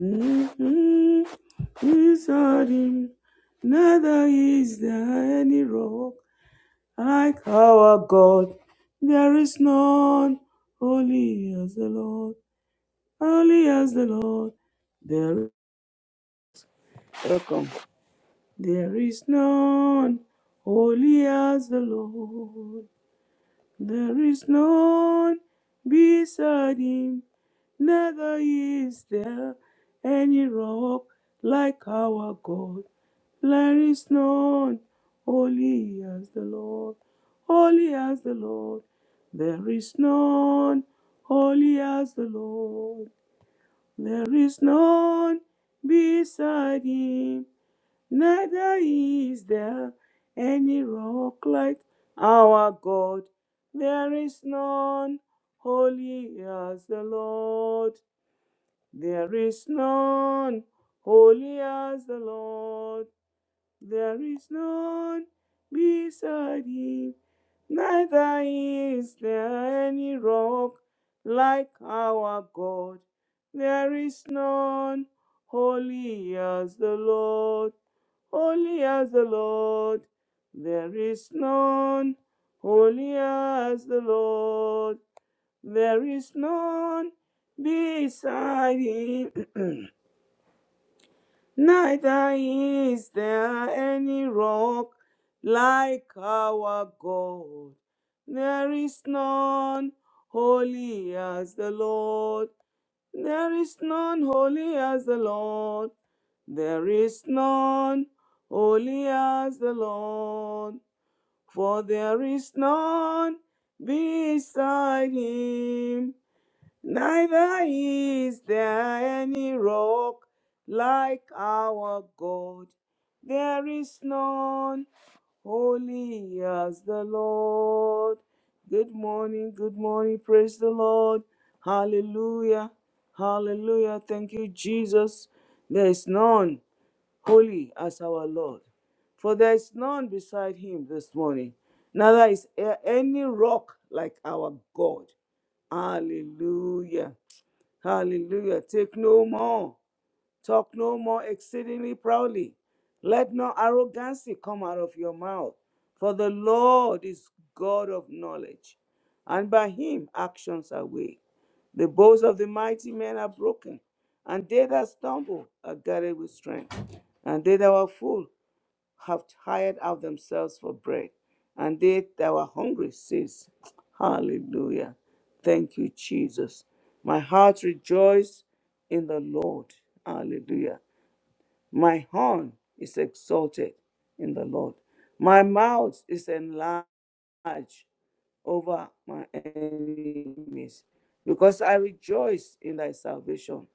Mhm. Without him, neither is there any rock like our God. There is none holy as the Lord, holy as the Lord. There, welcome. There is none holy as the Lord. There is none beside him, neither is there any rock like our God. There is none holy as the Lord, holy as the Lord. There is none holy as the Lord. There is none beside him, neither is there any rock like our God. There is none holy as the Lord. There is none holy as the Lord. There is none beside him, neither is there any rock like our God. There is none holy as the Lord, holy as the Lord. There is none holy as the Lord. There is none beside him. Neither is there any rock like our God. There is none holy as the Lord. There is none holy as the Lord. There is none holy as the Lord. For there is none beside him. Neither is there any rock like our God. There is none holy as the Lord. Good morning, good morning. Praise the Lord. Hallelujah. Hallelujah. Thank you, Jesus. There is none holy as our Lord. For there is none beside him this morning. Neither is there any rock like our God. Hallelujah. Hallelujah. Take no more. Talk no more exceedingly proudly. Let no arrogance come out of your mouth. For the Lord is God of knowledge, and by him actions are weighed. The bows of the mighty men are broken, and they that stumble are guarded with strength. And they that were full have hired out themselves for bread, and they that were hungry ceased. Hallelujah. Thank you, Jesus. My heart rejoices in the Lord. Hallelujah. My horn is exalted in the Lord. My mouth is enlarged march over my enemies. Because I rejoice in thy salvation.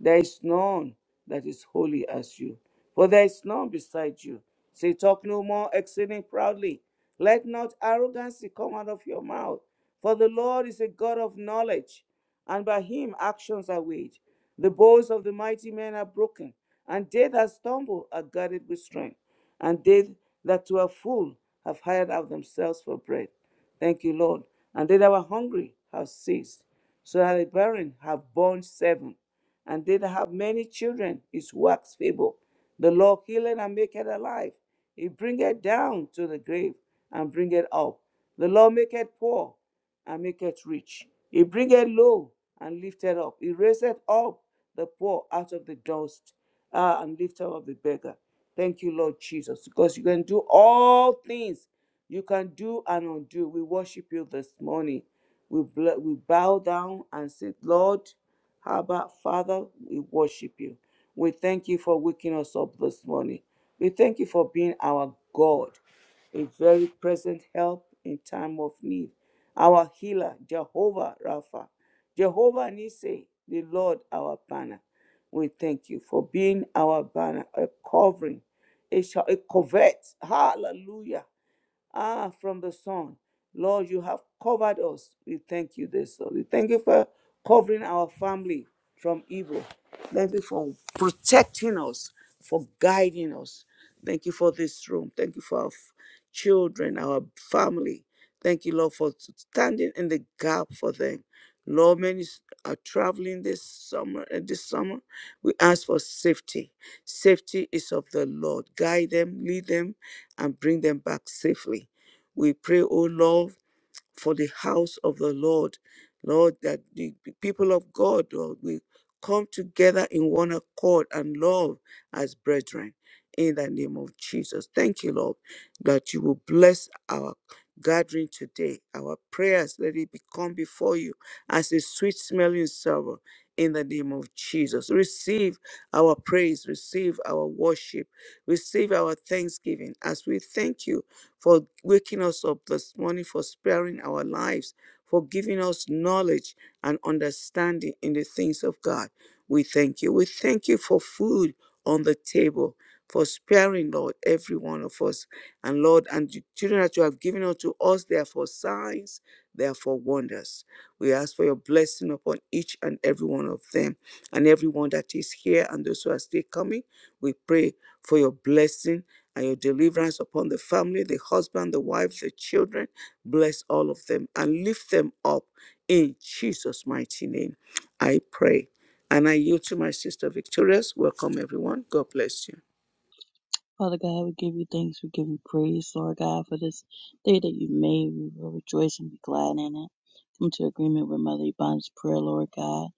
There is none that is holy as you, for there is none beside you. Say, talk no more, exceeding proudly. Let not arrogancy come out of your mouth, for the Lord is a God of knowledge, and by him actions are weighed. The bows of the mighty men are broken, and they that stumble are girded with strength and they that were full have hired out themselves for bread. Thank you, Lord. And they that were hungry have ceased. So that the barren have borne seven, and they that have many children is wax feeble. The Lord healeth and maketh alive. He bringeth down to the grave and bringeth up. The Lord maketh poor and maketh rich. He bringeth low and lifteth up. He raiseth up the poor out of the dust uh, and lifteth up the beggar. Thank you, Lord Jesus, because you can do all things. You can do and undo. We worship you this morning. We, bl- we bow down and say, Lord, how about Father, we worship you. We thank you for waking us up this morning. We thank you for being our God, a very present help in time of need our healer, Jehovah Rapha, Jehovah Nissi, the Lord our banner. We thank you for being our banner, a covering, a, sh- a covert. Hallelujah. Ah, from the sun. Lord, you have covered us. We thank you this. Lord. We thank you for covering our family from evil. Thank you for protecting us, for guiding us. Thank you for this room. Thank you for our f- children, our family. Thank you, Lord, for standing in the gap for them. Lord, many s- are traveling this summer. uh, This summer, we ask for safety. Safety is of the Lord. Guide them, lead them, and bring them back safely. We pray, O Lord, for the house of the Lord. Lord, that the people of God Lord, will come together in one accord and love as brethren in the name of Jesus. Thank you, Lord, that you will bless our gathering today. Our prayers, let it become before you as a sweet smelling savor in the name of Jesus. Receive our praise, receive our worship, receive our thanksgiving as we thank you for waking us up this morning, for sparing our lives, for giving us knowledge and understanding in the things of God. We thank you. We thank you for food on the table, for sparing, Lord, every one of us. And Lord, and the children that you have given unto us, they are for signs, they are for wonders. We ask for your blessing upon each and every one of them and everyone that is here and those who are still coming. We pray for your blessing and your deliverance upon the family, the husband, the wife, the children. Bless all of them and lift them up in Jesus' mighty name. I pray. And I yield to my sister Victorious. Welcome, everyone. God bless you. Father God, we give you thanks. We give you praise, Lord God, for this day that you made. We will rejoice and be glad in it. Come to agreement with Mother Yvonne's prayer, Lord God.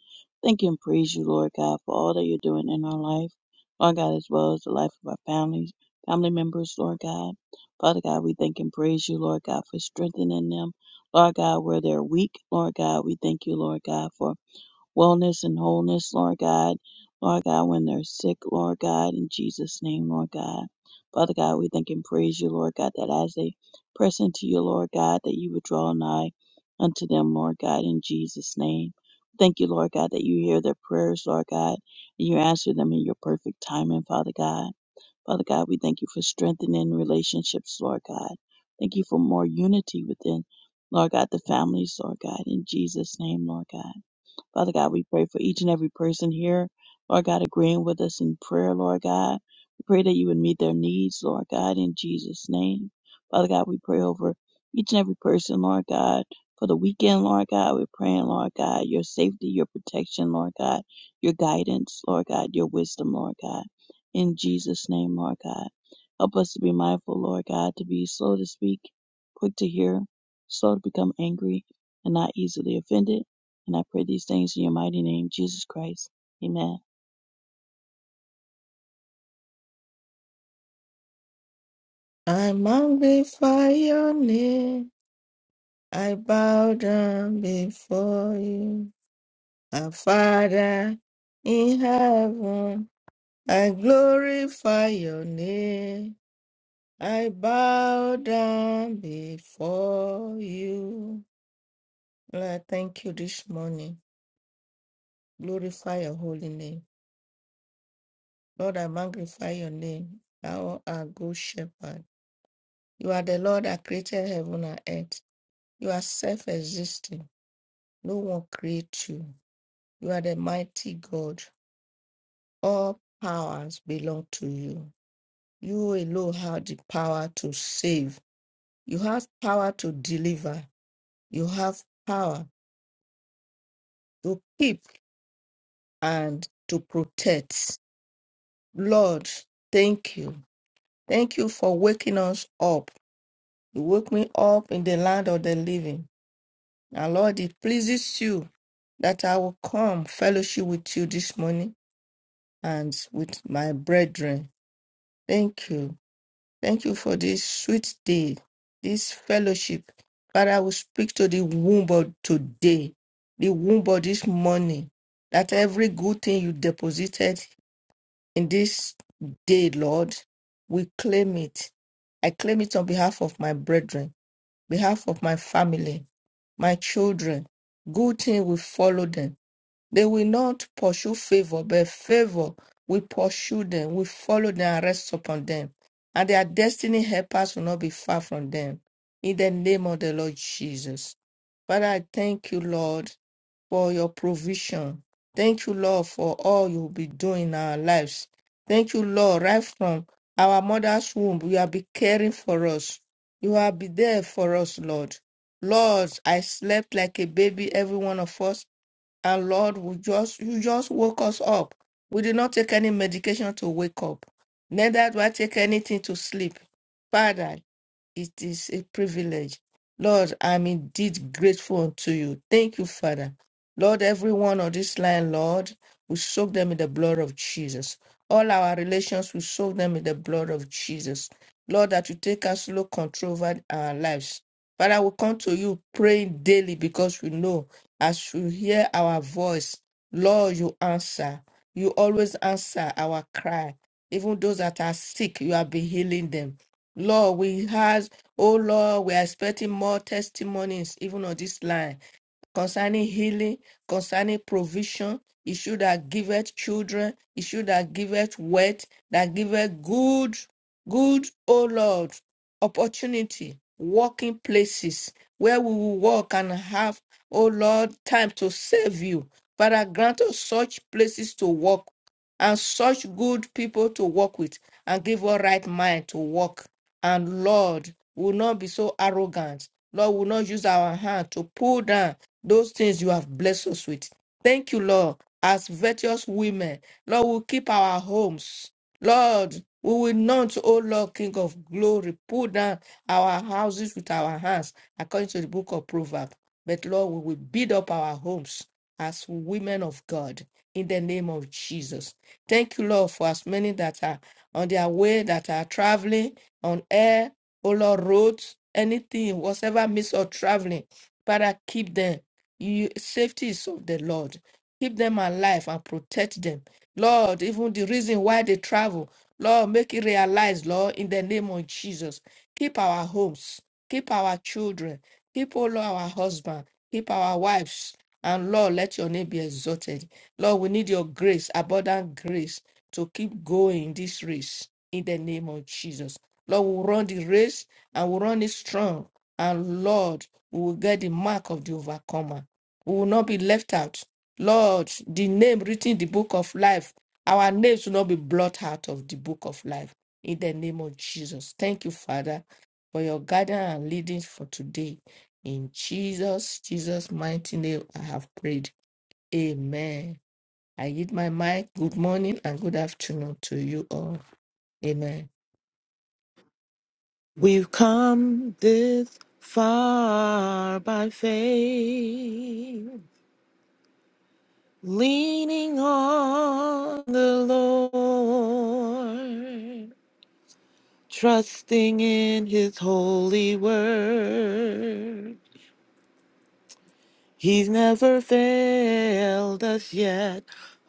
Thank you and praise you, Lord God, for all that you're doing in our life, Lord God, as well as the life of our families, family members, Lord God. Father God, we thank and praise you, Lord God, for strengthening them. Lord God, where they're weak, Lord God, we thank you, Lord God, for wellness and wholeness, Lord God. Lord God, when they're sick, Lord God, in Jesus' name, Lord God. Father God, we thank and praise you, Lord God, that as they press into you, Lord God, that you would draw nigh unto them, Lord God, in Jesus' name. Thank you, Lord God, that you hear their prayers, Lord God, and you answer them in your perfect timing, Father God. Father God, we thank you for strengthening relationships, Lord God. Thank you for more unity within, Lord God, the families, Lord God, in Jesus' name, Lord God. Father God, we pray for each and every person here, Lord God, agreeing with us in prayer, Lord God. We pray that you would meet their needs, Lord God, in Jesus' name. Father God, we pray over each and every person, Lord God. For the weekend, Lord God, we're praying, Lord God, your safety, your protection, Lord God, your guidance, Lord God, your wisdom, Lord God. In Jesus' name, Lord God. Help us to be mindful, Lord God, to be slow to speak, quick to hear, slow to become angry, and not easily offended. And I pray these things in your mighty name, Jesus Christ. Amen. I'm humbled by your name. I bow down before you. Our Father in heaven, I glorify your name. I bow down before you. Lord, I thank you this morning. Glorify your holy name. Lord, I magnify your name. Thou art good shepherd. You are the Lord that created heaven and earth. You are self-existing. No one creates you. You are the mighty God. All powers belong to you. You alone have the power to save. You have power to deliver. You have power to keep and to protect. Lord, thank you. Thank you for waking us up. You woke me up in the land of the living. And Lord, it pleases you that I will come fellowship with you this morning and with my brethren. Thank you. Thank you for this sweet day, this fellowship. Father, I will speak to the womb of today, the womb of this morning, that every good thing you deposited in this day, Lord, we claim it. I claim it on behalf of my brethren, behalf of my family, my children. Good thing will follow them they will not pursue favor, but favor will pursue them, will follow them and rest upon them. And their destiny helpers will not be far from them. In the name of the Lord Jesus. Father, I thank you, Lord, for your provision. Thank you, Lord, for all you'll be doing in our lives. Thank you, Lord, right from our mother's womb. You have been caring for us. You have been there for us, Lord. Lord, I slept like a baby, every one of us. And Lord, we just you just woke us up. We did not take any medication to wake up, neither do I take anything to sleep. Father, it is a privilege. Lord, I'm indeed grateful unto you. Thank you, Father. Lord, everyone on this line, Lord, we soak them in the blood of Jesus. All our relations, we soak them in the blood of Jesus. Lord, that you take absolute control over our lives. Father, we come to you praying daily because we know as you hear our voice, Lord, you answer. You always answer our cry. Even those that are sick, you have been healing them. Lord, we has, oh Lord, we are expecting more testimonies even on this line concerning healing, concerning provision. issue that giveth children. issue that giveth wealth. That giveth good, good, O Lord, opportunity, working places where we will walk and have, O Lord, time to serve you. Father, grant us such places to walk and such good people to work with and give us right mind to work. And Lord, we will not be so arrogant. Lord, we will not use our hand to pull down those things you have blessed us with. Thank you, Lord, as virtuous women. Lord, we'll keep our homes. Lord, we will not, O Lord, King of glory, pull down our houses with our hands, according to the book of Proverbs. But Lord, we will build up our homes as women of God in the name of Jesus. Thank you, Lord, for as many that are on their way, that are traveling on air, O Lord, roads, anything, whatever means of traveling. Father, keep them you, safety is of the Lord. Keep them alive and protect them. Lord, even the reason why they travel, Lord, make it realized, Lord, in the name of Jesus. Keep our homes, keep our children, keep all our husband, keep our wives. And Lord, let your name be exalted. Lord, we need your grace, abundant grace, to keep going in this race in the name of Jesus. Lord, we'll run the race and we'll run it strong. And Lord, we will get the mark of the overcomer. We will not be left out. Lord, the name written in the book of life, our names will not be blotted out of the book of life. In the name of Jesus. Thank you, Father, for your guidance and leading for today. In Jesus, Jesus' mighty name, I have prayed. Amen. I give my mic. Good morning and good afternoon to you all. Amen. We've come this far by faith, leaning on the Lord, trusting in his holy word. He's never failed us yet.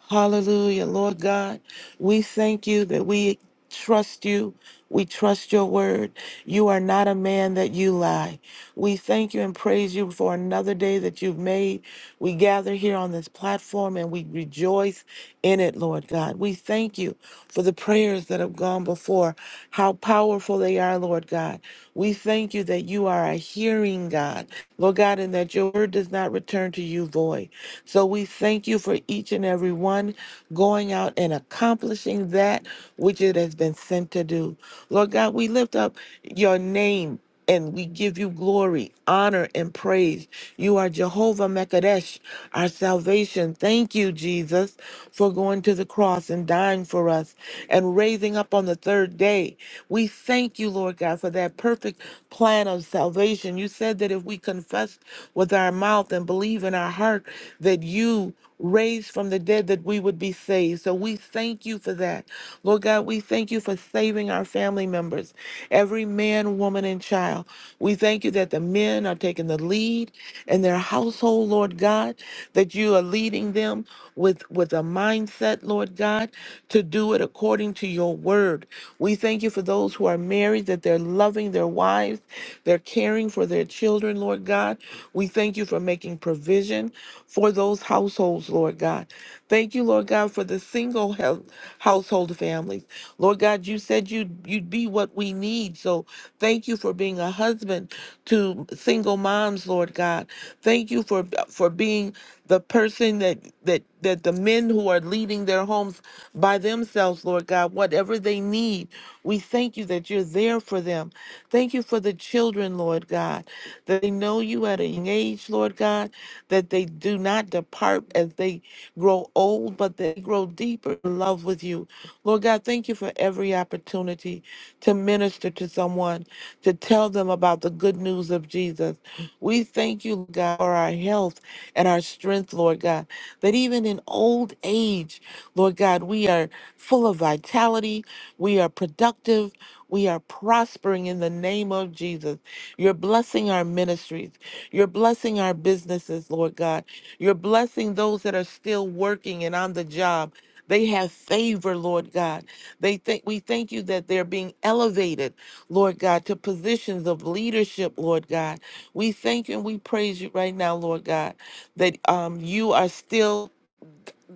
Hallelujah. Lord God, we thank you that we trust you. We trust your word. You are not a man that you lie. We thank you and praise you for another day that you've made. We gather here on this platform and we rejoice in it, Lord God. We thank you for the prayers that have gone before, how powerful they are, Lord God. We thank you that you are a hearing God. Lord God, and that your word does not return to you void. So we thank you for each and every one going out and accomplishing that which it has been sent to do. Lord God, we lift up your name and we give you glory, honor, and praise. You are Jehovah Mekadesh, our salvation. Thank you, Jesus, for going to the cross and dying for us and raising up on the third day. We thank you, Lord God, for that perfect plan of salvation. You said that if we confess with our mouth and believe in our heart that you raised from the dead that we would be saved. So we thank you for that. Lord God, we thank you for saving our family members, every man, woman, and child. We thank you that the men are taking the lead in their household, Lord God, that you are leading them with, with a mindset, Lord. Lord God, to do it according to your word. We thank you for those who are married, that they're loving their wives, they're caring for their children, Lord God. We thank you for making provision for those households, Lord God. Thank you, Lord God, for the single hel- household families. Lord God, you said you'd you'd be what we need. So thank you for being a husband to single moms, Lord God. Thank you for for being the person that that that the men who are leading their homes by themselves, Lord God, whatever they need, we thank you that you're there for them. Thank you for the children, Lord God, that they know you at a young age, Lord God, that they do not depart as they grow old, but they grow deeper in love with you. Lord God, thank you for every opportunity to minister to someone, to tell them about the good news of Jesus. We thank you, Lord God, for our health and our strength, Lord God, that even in old age, Lord God, we are full of vitality, we are productive, we are prospering in the name of Jesus. You're blessing our ministries. You're blessing our businesses, Lord God. You're blessing those that are still working and on the job. They have favor, Lord God. They think we thank you that they're being elevated, Lord God, to positions of leadership, Lord God. We thank you and we praise you right now, Lord God, that um, you are still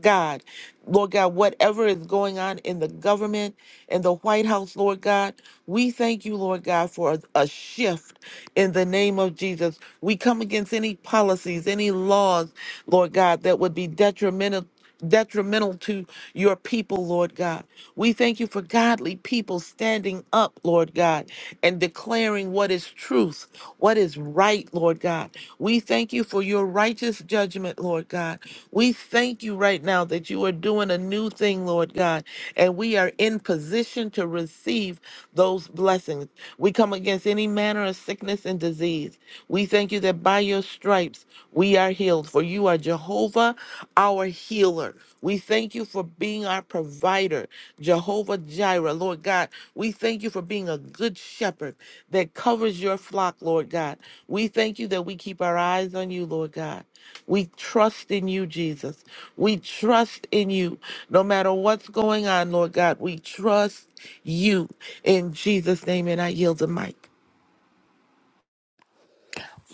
God. Lord God, whatever is going on in the government and the White House, Lord God, we thank you, Lord God, for a, a shift in the name of Jesus. We come against any policies, any laws, Lord God, that would be detrimental detrimental to your people, Lord God. We thank you for godly people standing up, Lord God, and declaring what is truth, what is right, Lord God. We thank you for your righteous judgment, Lord God. We thank you right now that you are doing a new thing, Lord God, and we are in position to receive those blessings. We come against any manner of sickness and disease. We thank you that by your stripes we are healed, for you are Jehovah, our healer. We thank you for being our provider, Jehovah Jireh, Lord God. We thank you for being a good shepherd that covers your flock, Lord God. We thank you that we keep our eyes on you, Lord God. We trust in you, Jesus. We trust in you. No matter what's going on, Lord God, we trust you. In Jesus' name, and I yield the mic.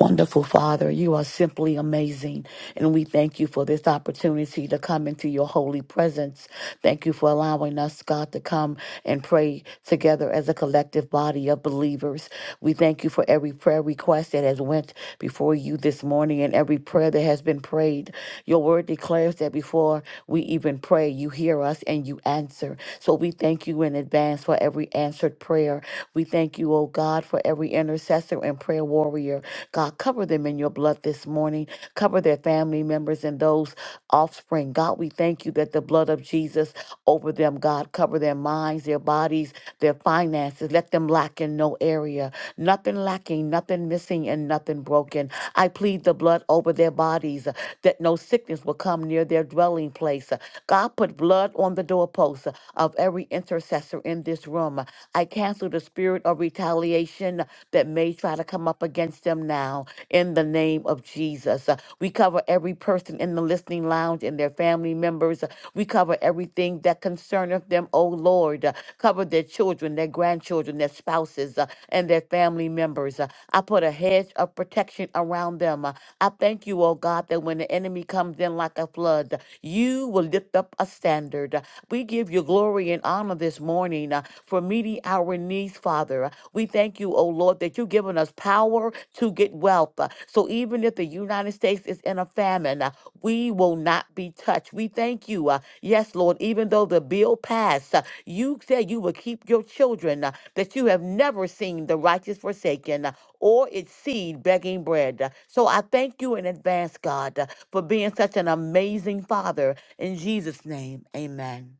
Wonderful Father, you are simply amazing. And we thank you for this opportunity to come into your holy presence. Thank you for allowing us, God, to come and pray together as a collective body of believers. We thank you for every prayer request that has went before you this morning and every prayer that has been prayed. Your word declares that before we even pray, you hear us and you answer. So we thank you in advance for every answered prayer prayer. We thank you, oh God, for every intercessor and prayer warrior. God, cover them in your blood this morning. Cover their family members and those offspring. God, we thank you that the blood of Jesus over them, God, cover their minds, their bodies, their finances. Let them lack in no area. Nothing lacking, nothing missing, and nothing broken. I plead the blood over their bodies uh, that no sickness will come near their dwelling place. Uh, God, put blood blood on the doorposts of every intercessor in this room. I cancel the spirit of retaliation that may try to come up against them now in the name of Jesus. Uh, We cover every person in the listening lounge and their family members. Uh, We cover everything that concerneth them, O Lord. Uh, Cover their children, their grandchildren, their spouses, uh, and their family members. Uh, I put a hedge of protection around them. Uh, I thank you, O God, that when the enemy comes in like a flood, you will lift up a standard. We give you glory and honor this morning uh, for meeting our needs, Father. We thank you, O Lord, that you've given us power to get wealth. Uh, So even if the United States is in a famine, uh, we will not be touched. We thank you. uh, Yes, Lord, even though the bill passed, uh, you said you would keep your children, uh, that you have never seen the righteous forsaken, or its seed begging bread. So I thank you in advance, God, for being such an amazing Father. In Jesus' name, amen.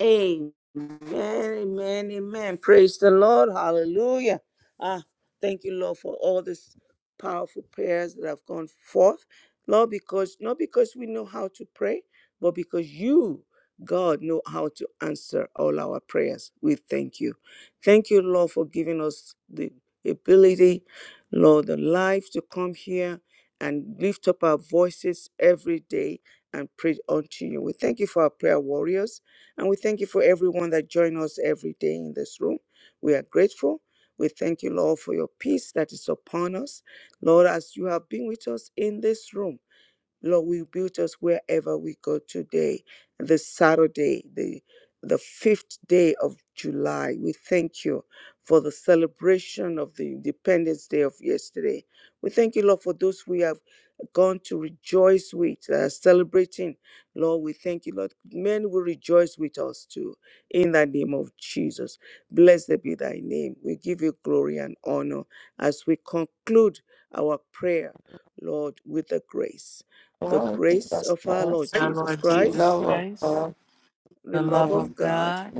Amen, amen, amen. Praise the Lord. Hallelujah. Ah, thank you, Lord, for all these powerful prayers that have gone forth. Lord, because not because we know how to pray, but because you, God, know how to answer all our prayers. We thank you. Thank you, Lord, for giving us the ability, Lord, the life to come here and lift up our voices every day and pray unto you. We thank you for our prayer warriors. And we thank you for everyone that join us every day in this room. We are grateful. We thank you, Lord, for your peace that is upon us. Lord, as you have been with us in this room. Lord, we build us wherever we go today, this Saturday, the the fifth day of July. We thank you for the celebration of the Independence Day of yesterday. We thank you, Lord, for those we have gone to rejoice with, that are celebrating. Lord, we thank you, Lord. Men will rejoice with us too, in the name of Jesus. Blessed be thy name. We give you glory and honor as we conclude our prayer, Lord, with the grace. The Lord, give grace us of our Lord grace. Our Jesus Lord We Jesus Christ, love Christ, our the the love love of of God, God,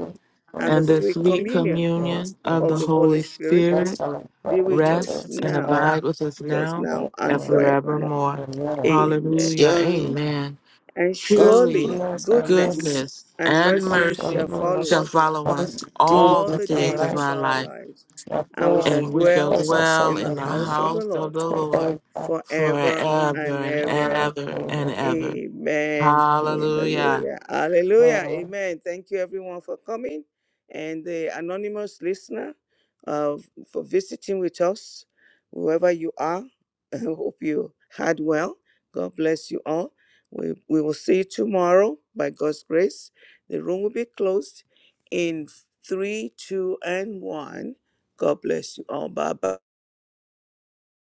and the and the sweet sweet communion communion of of God. the the Holy Holy Spirit Spirit That's how I'm be praying with rest us to and now, God abide with us with us now now for and and the forevermore. forevermore. Amen. Amen. Hallelujah. Surely, Amen. And God's Surely surely goodness and goodness mercy goodness and and shall mercy mercy shall follow follow us shall us follow all us the days all all the of the our days days of of life, our our life, lives, shall and we follow shall and we the shall dwell presence dwell of in in the the the house Lord of the house of Lord the Lord forever and forever forever and and ever. ever. ever and ever. Amen. Hallelujah. Hallelujah. Hallelujah. Amen. Amen. Thank you everyone for coming and the anonymous listener uh, for visiting with us, whoever you are. I hope you had well. God bless you all. We, we will see you tomorrow by God's grace. The room will be closed in three, two, and one. God bless you all. Bye bye.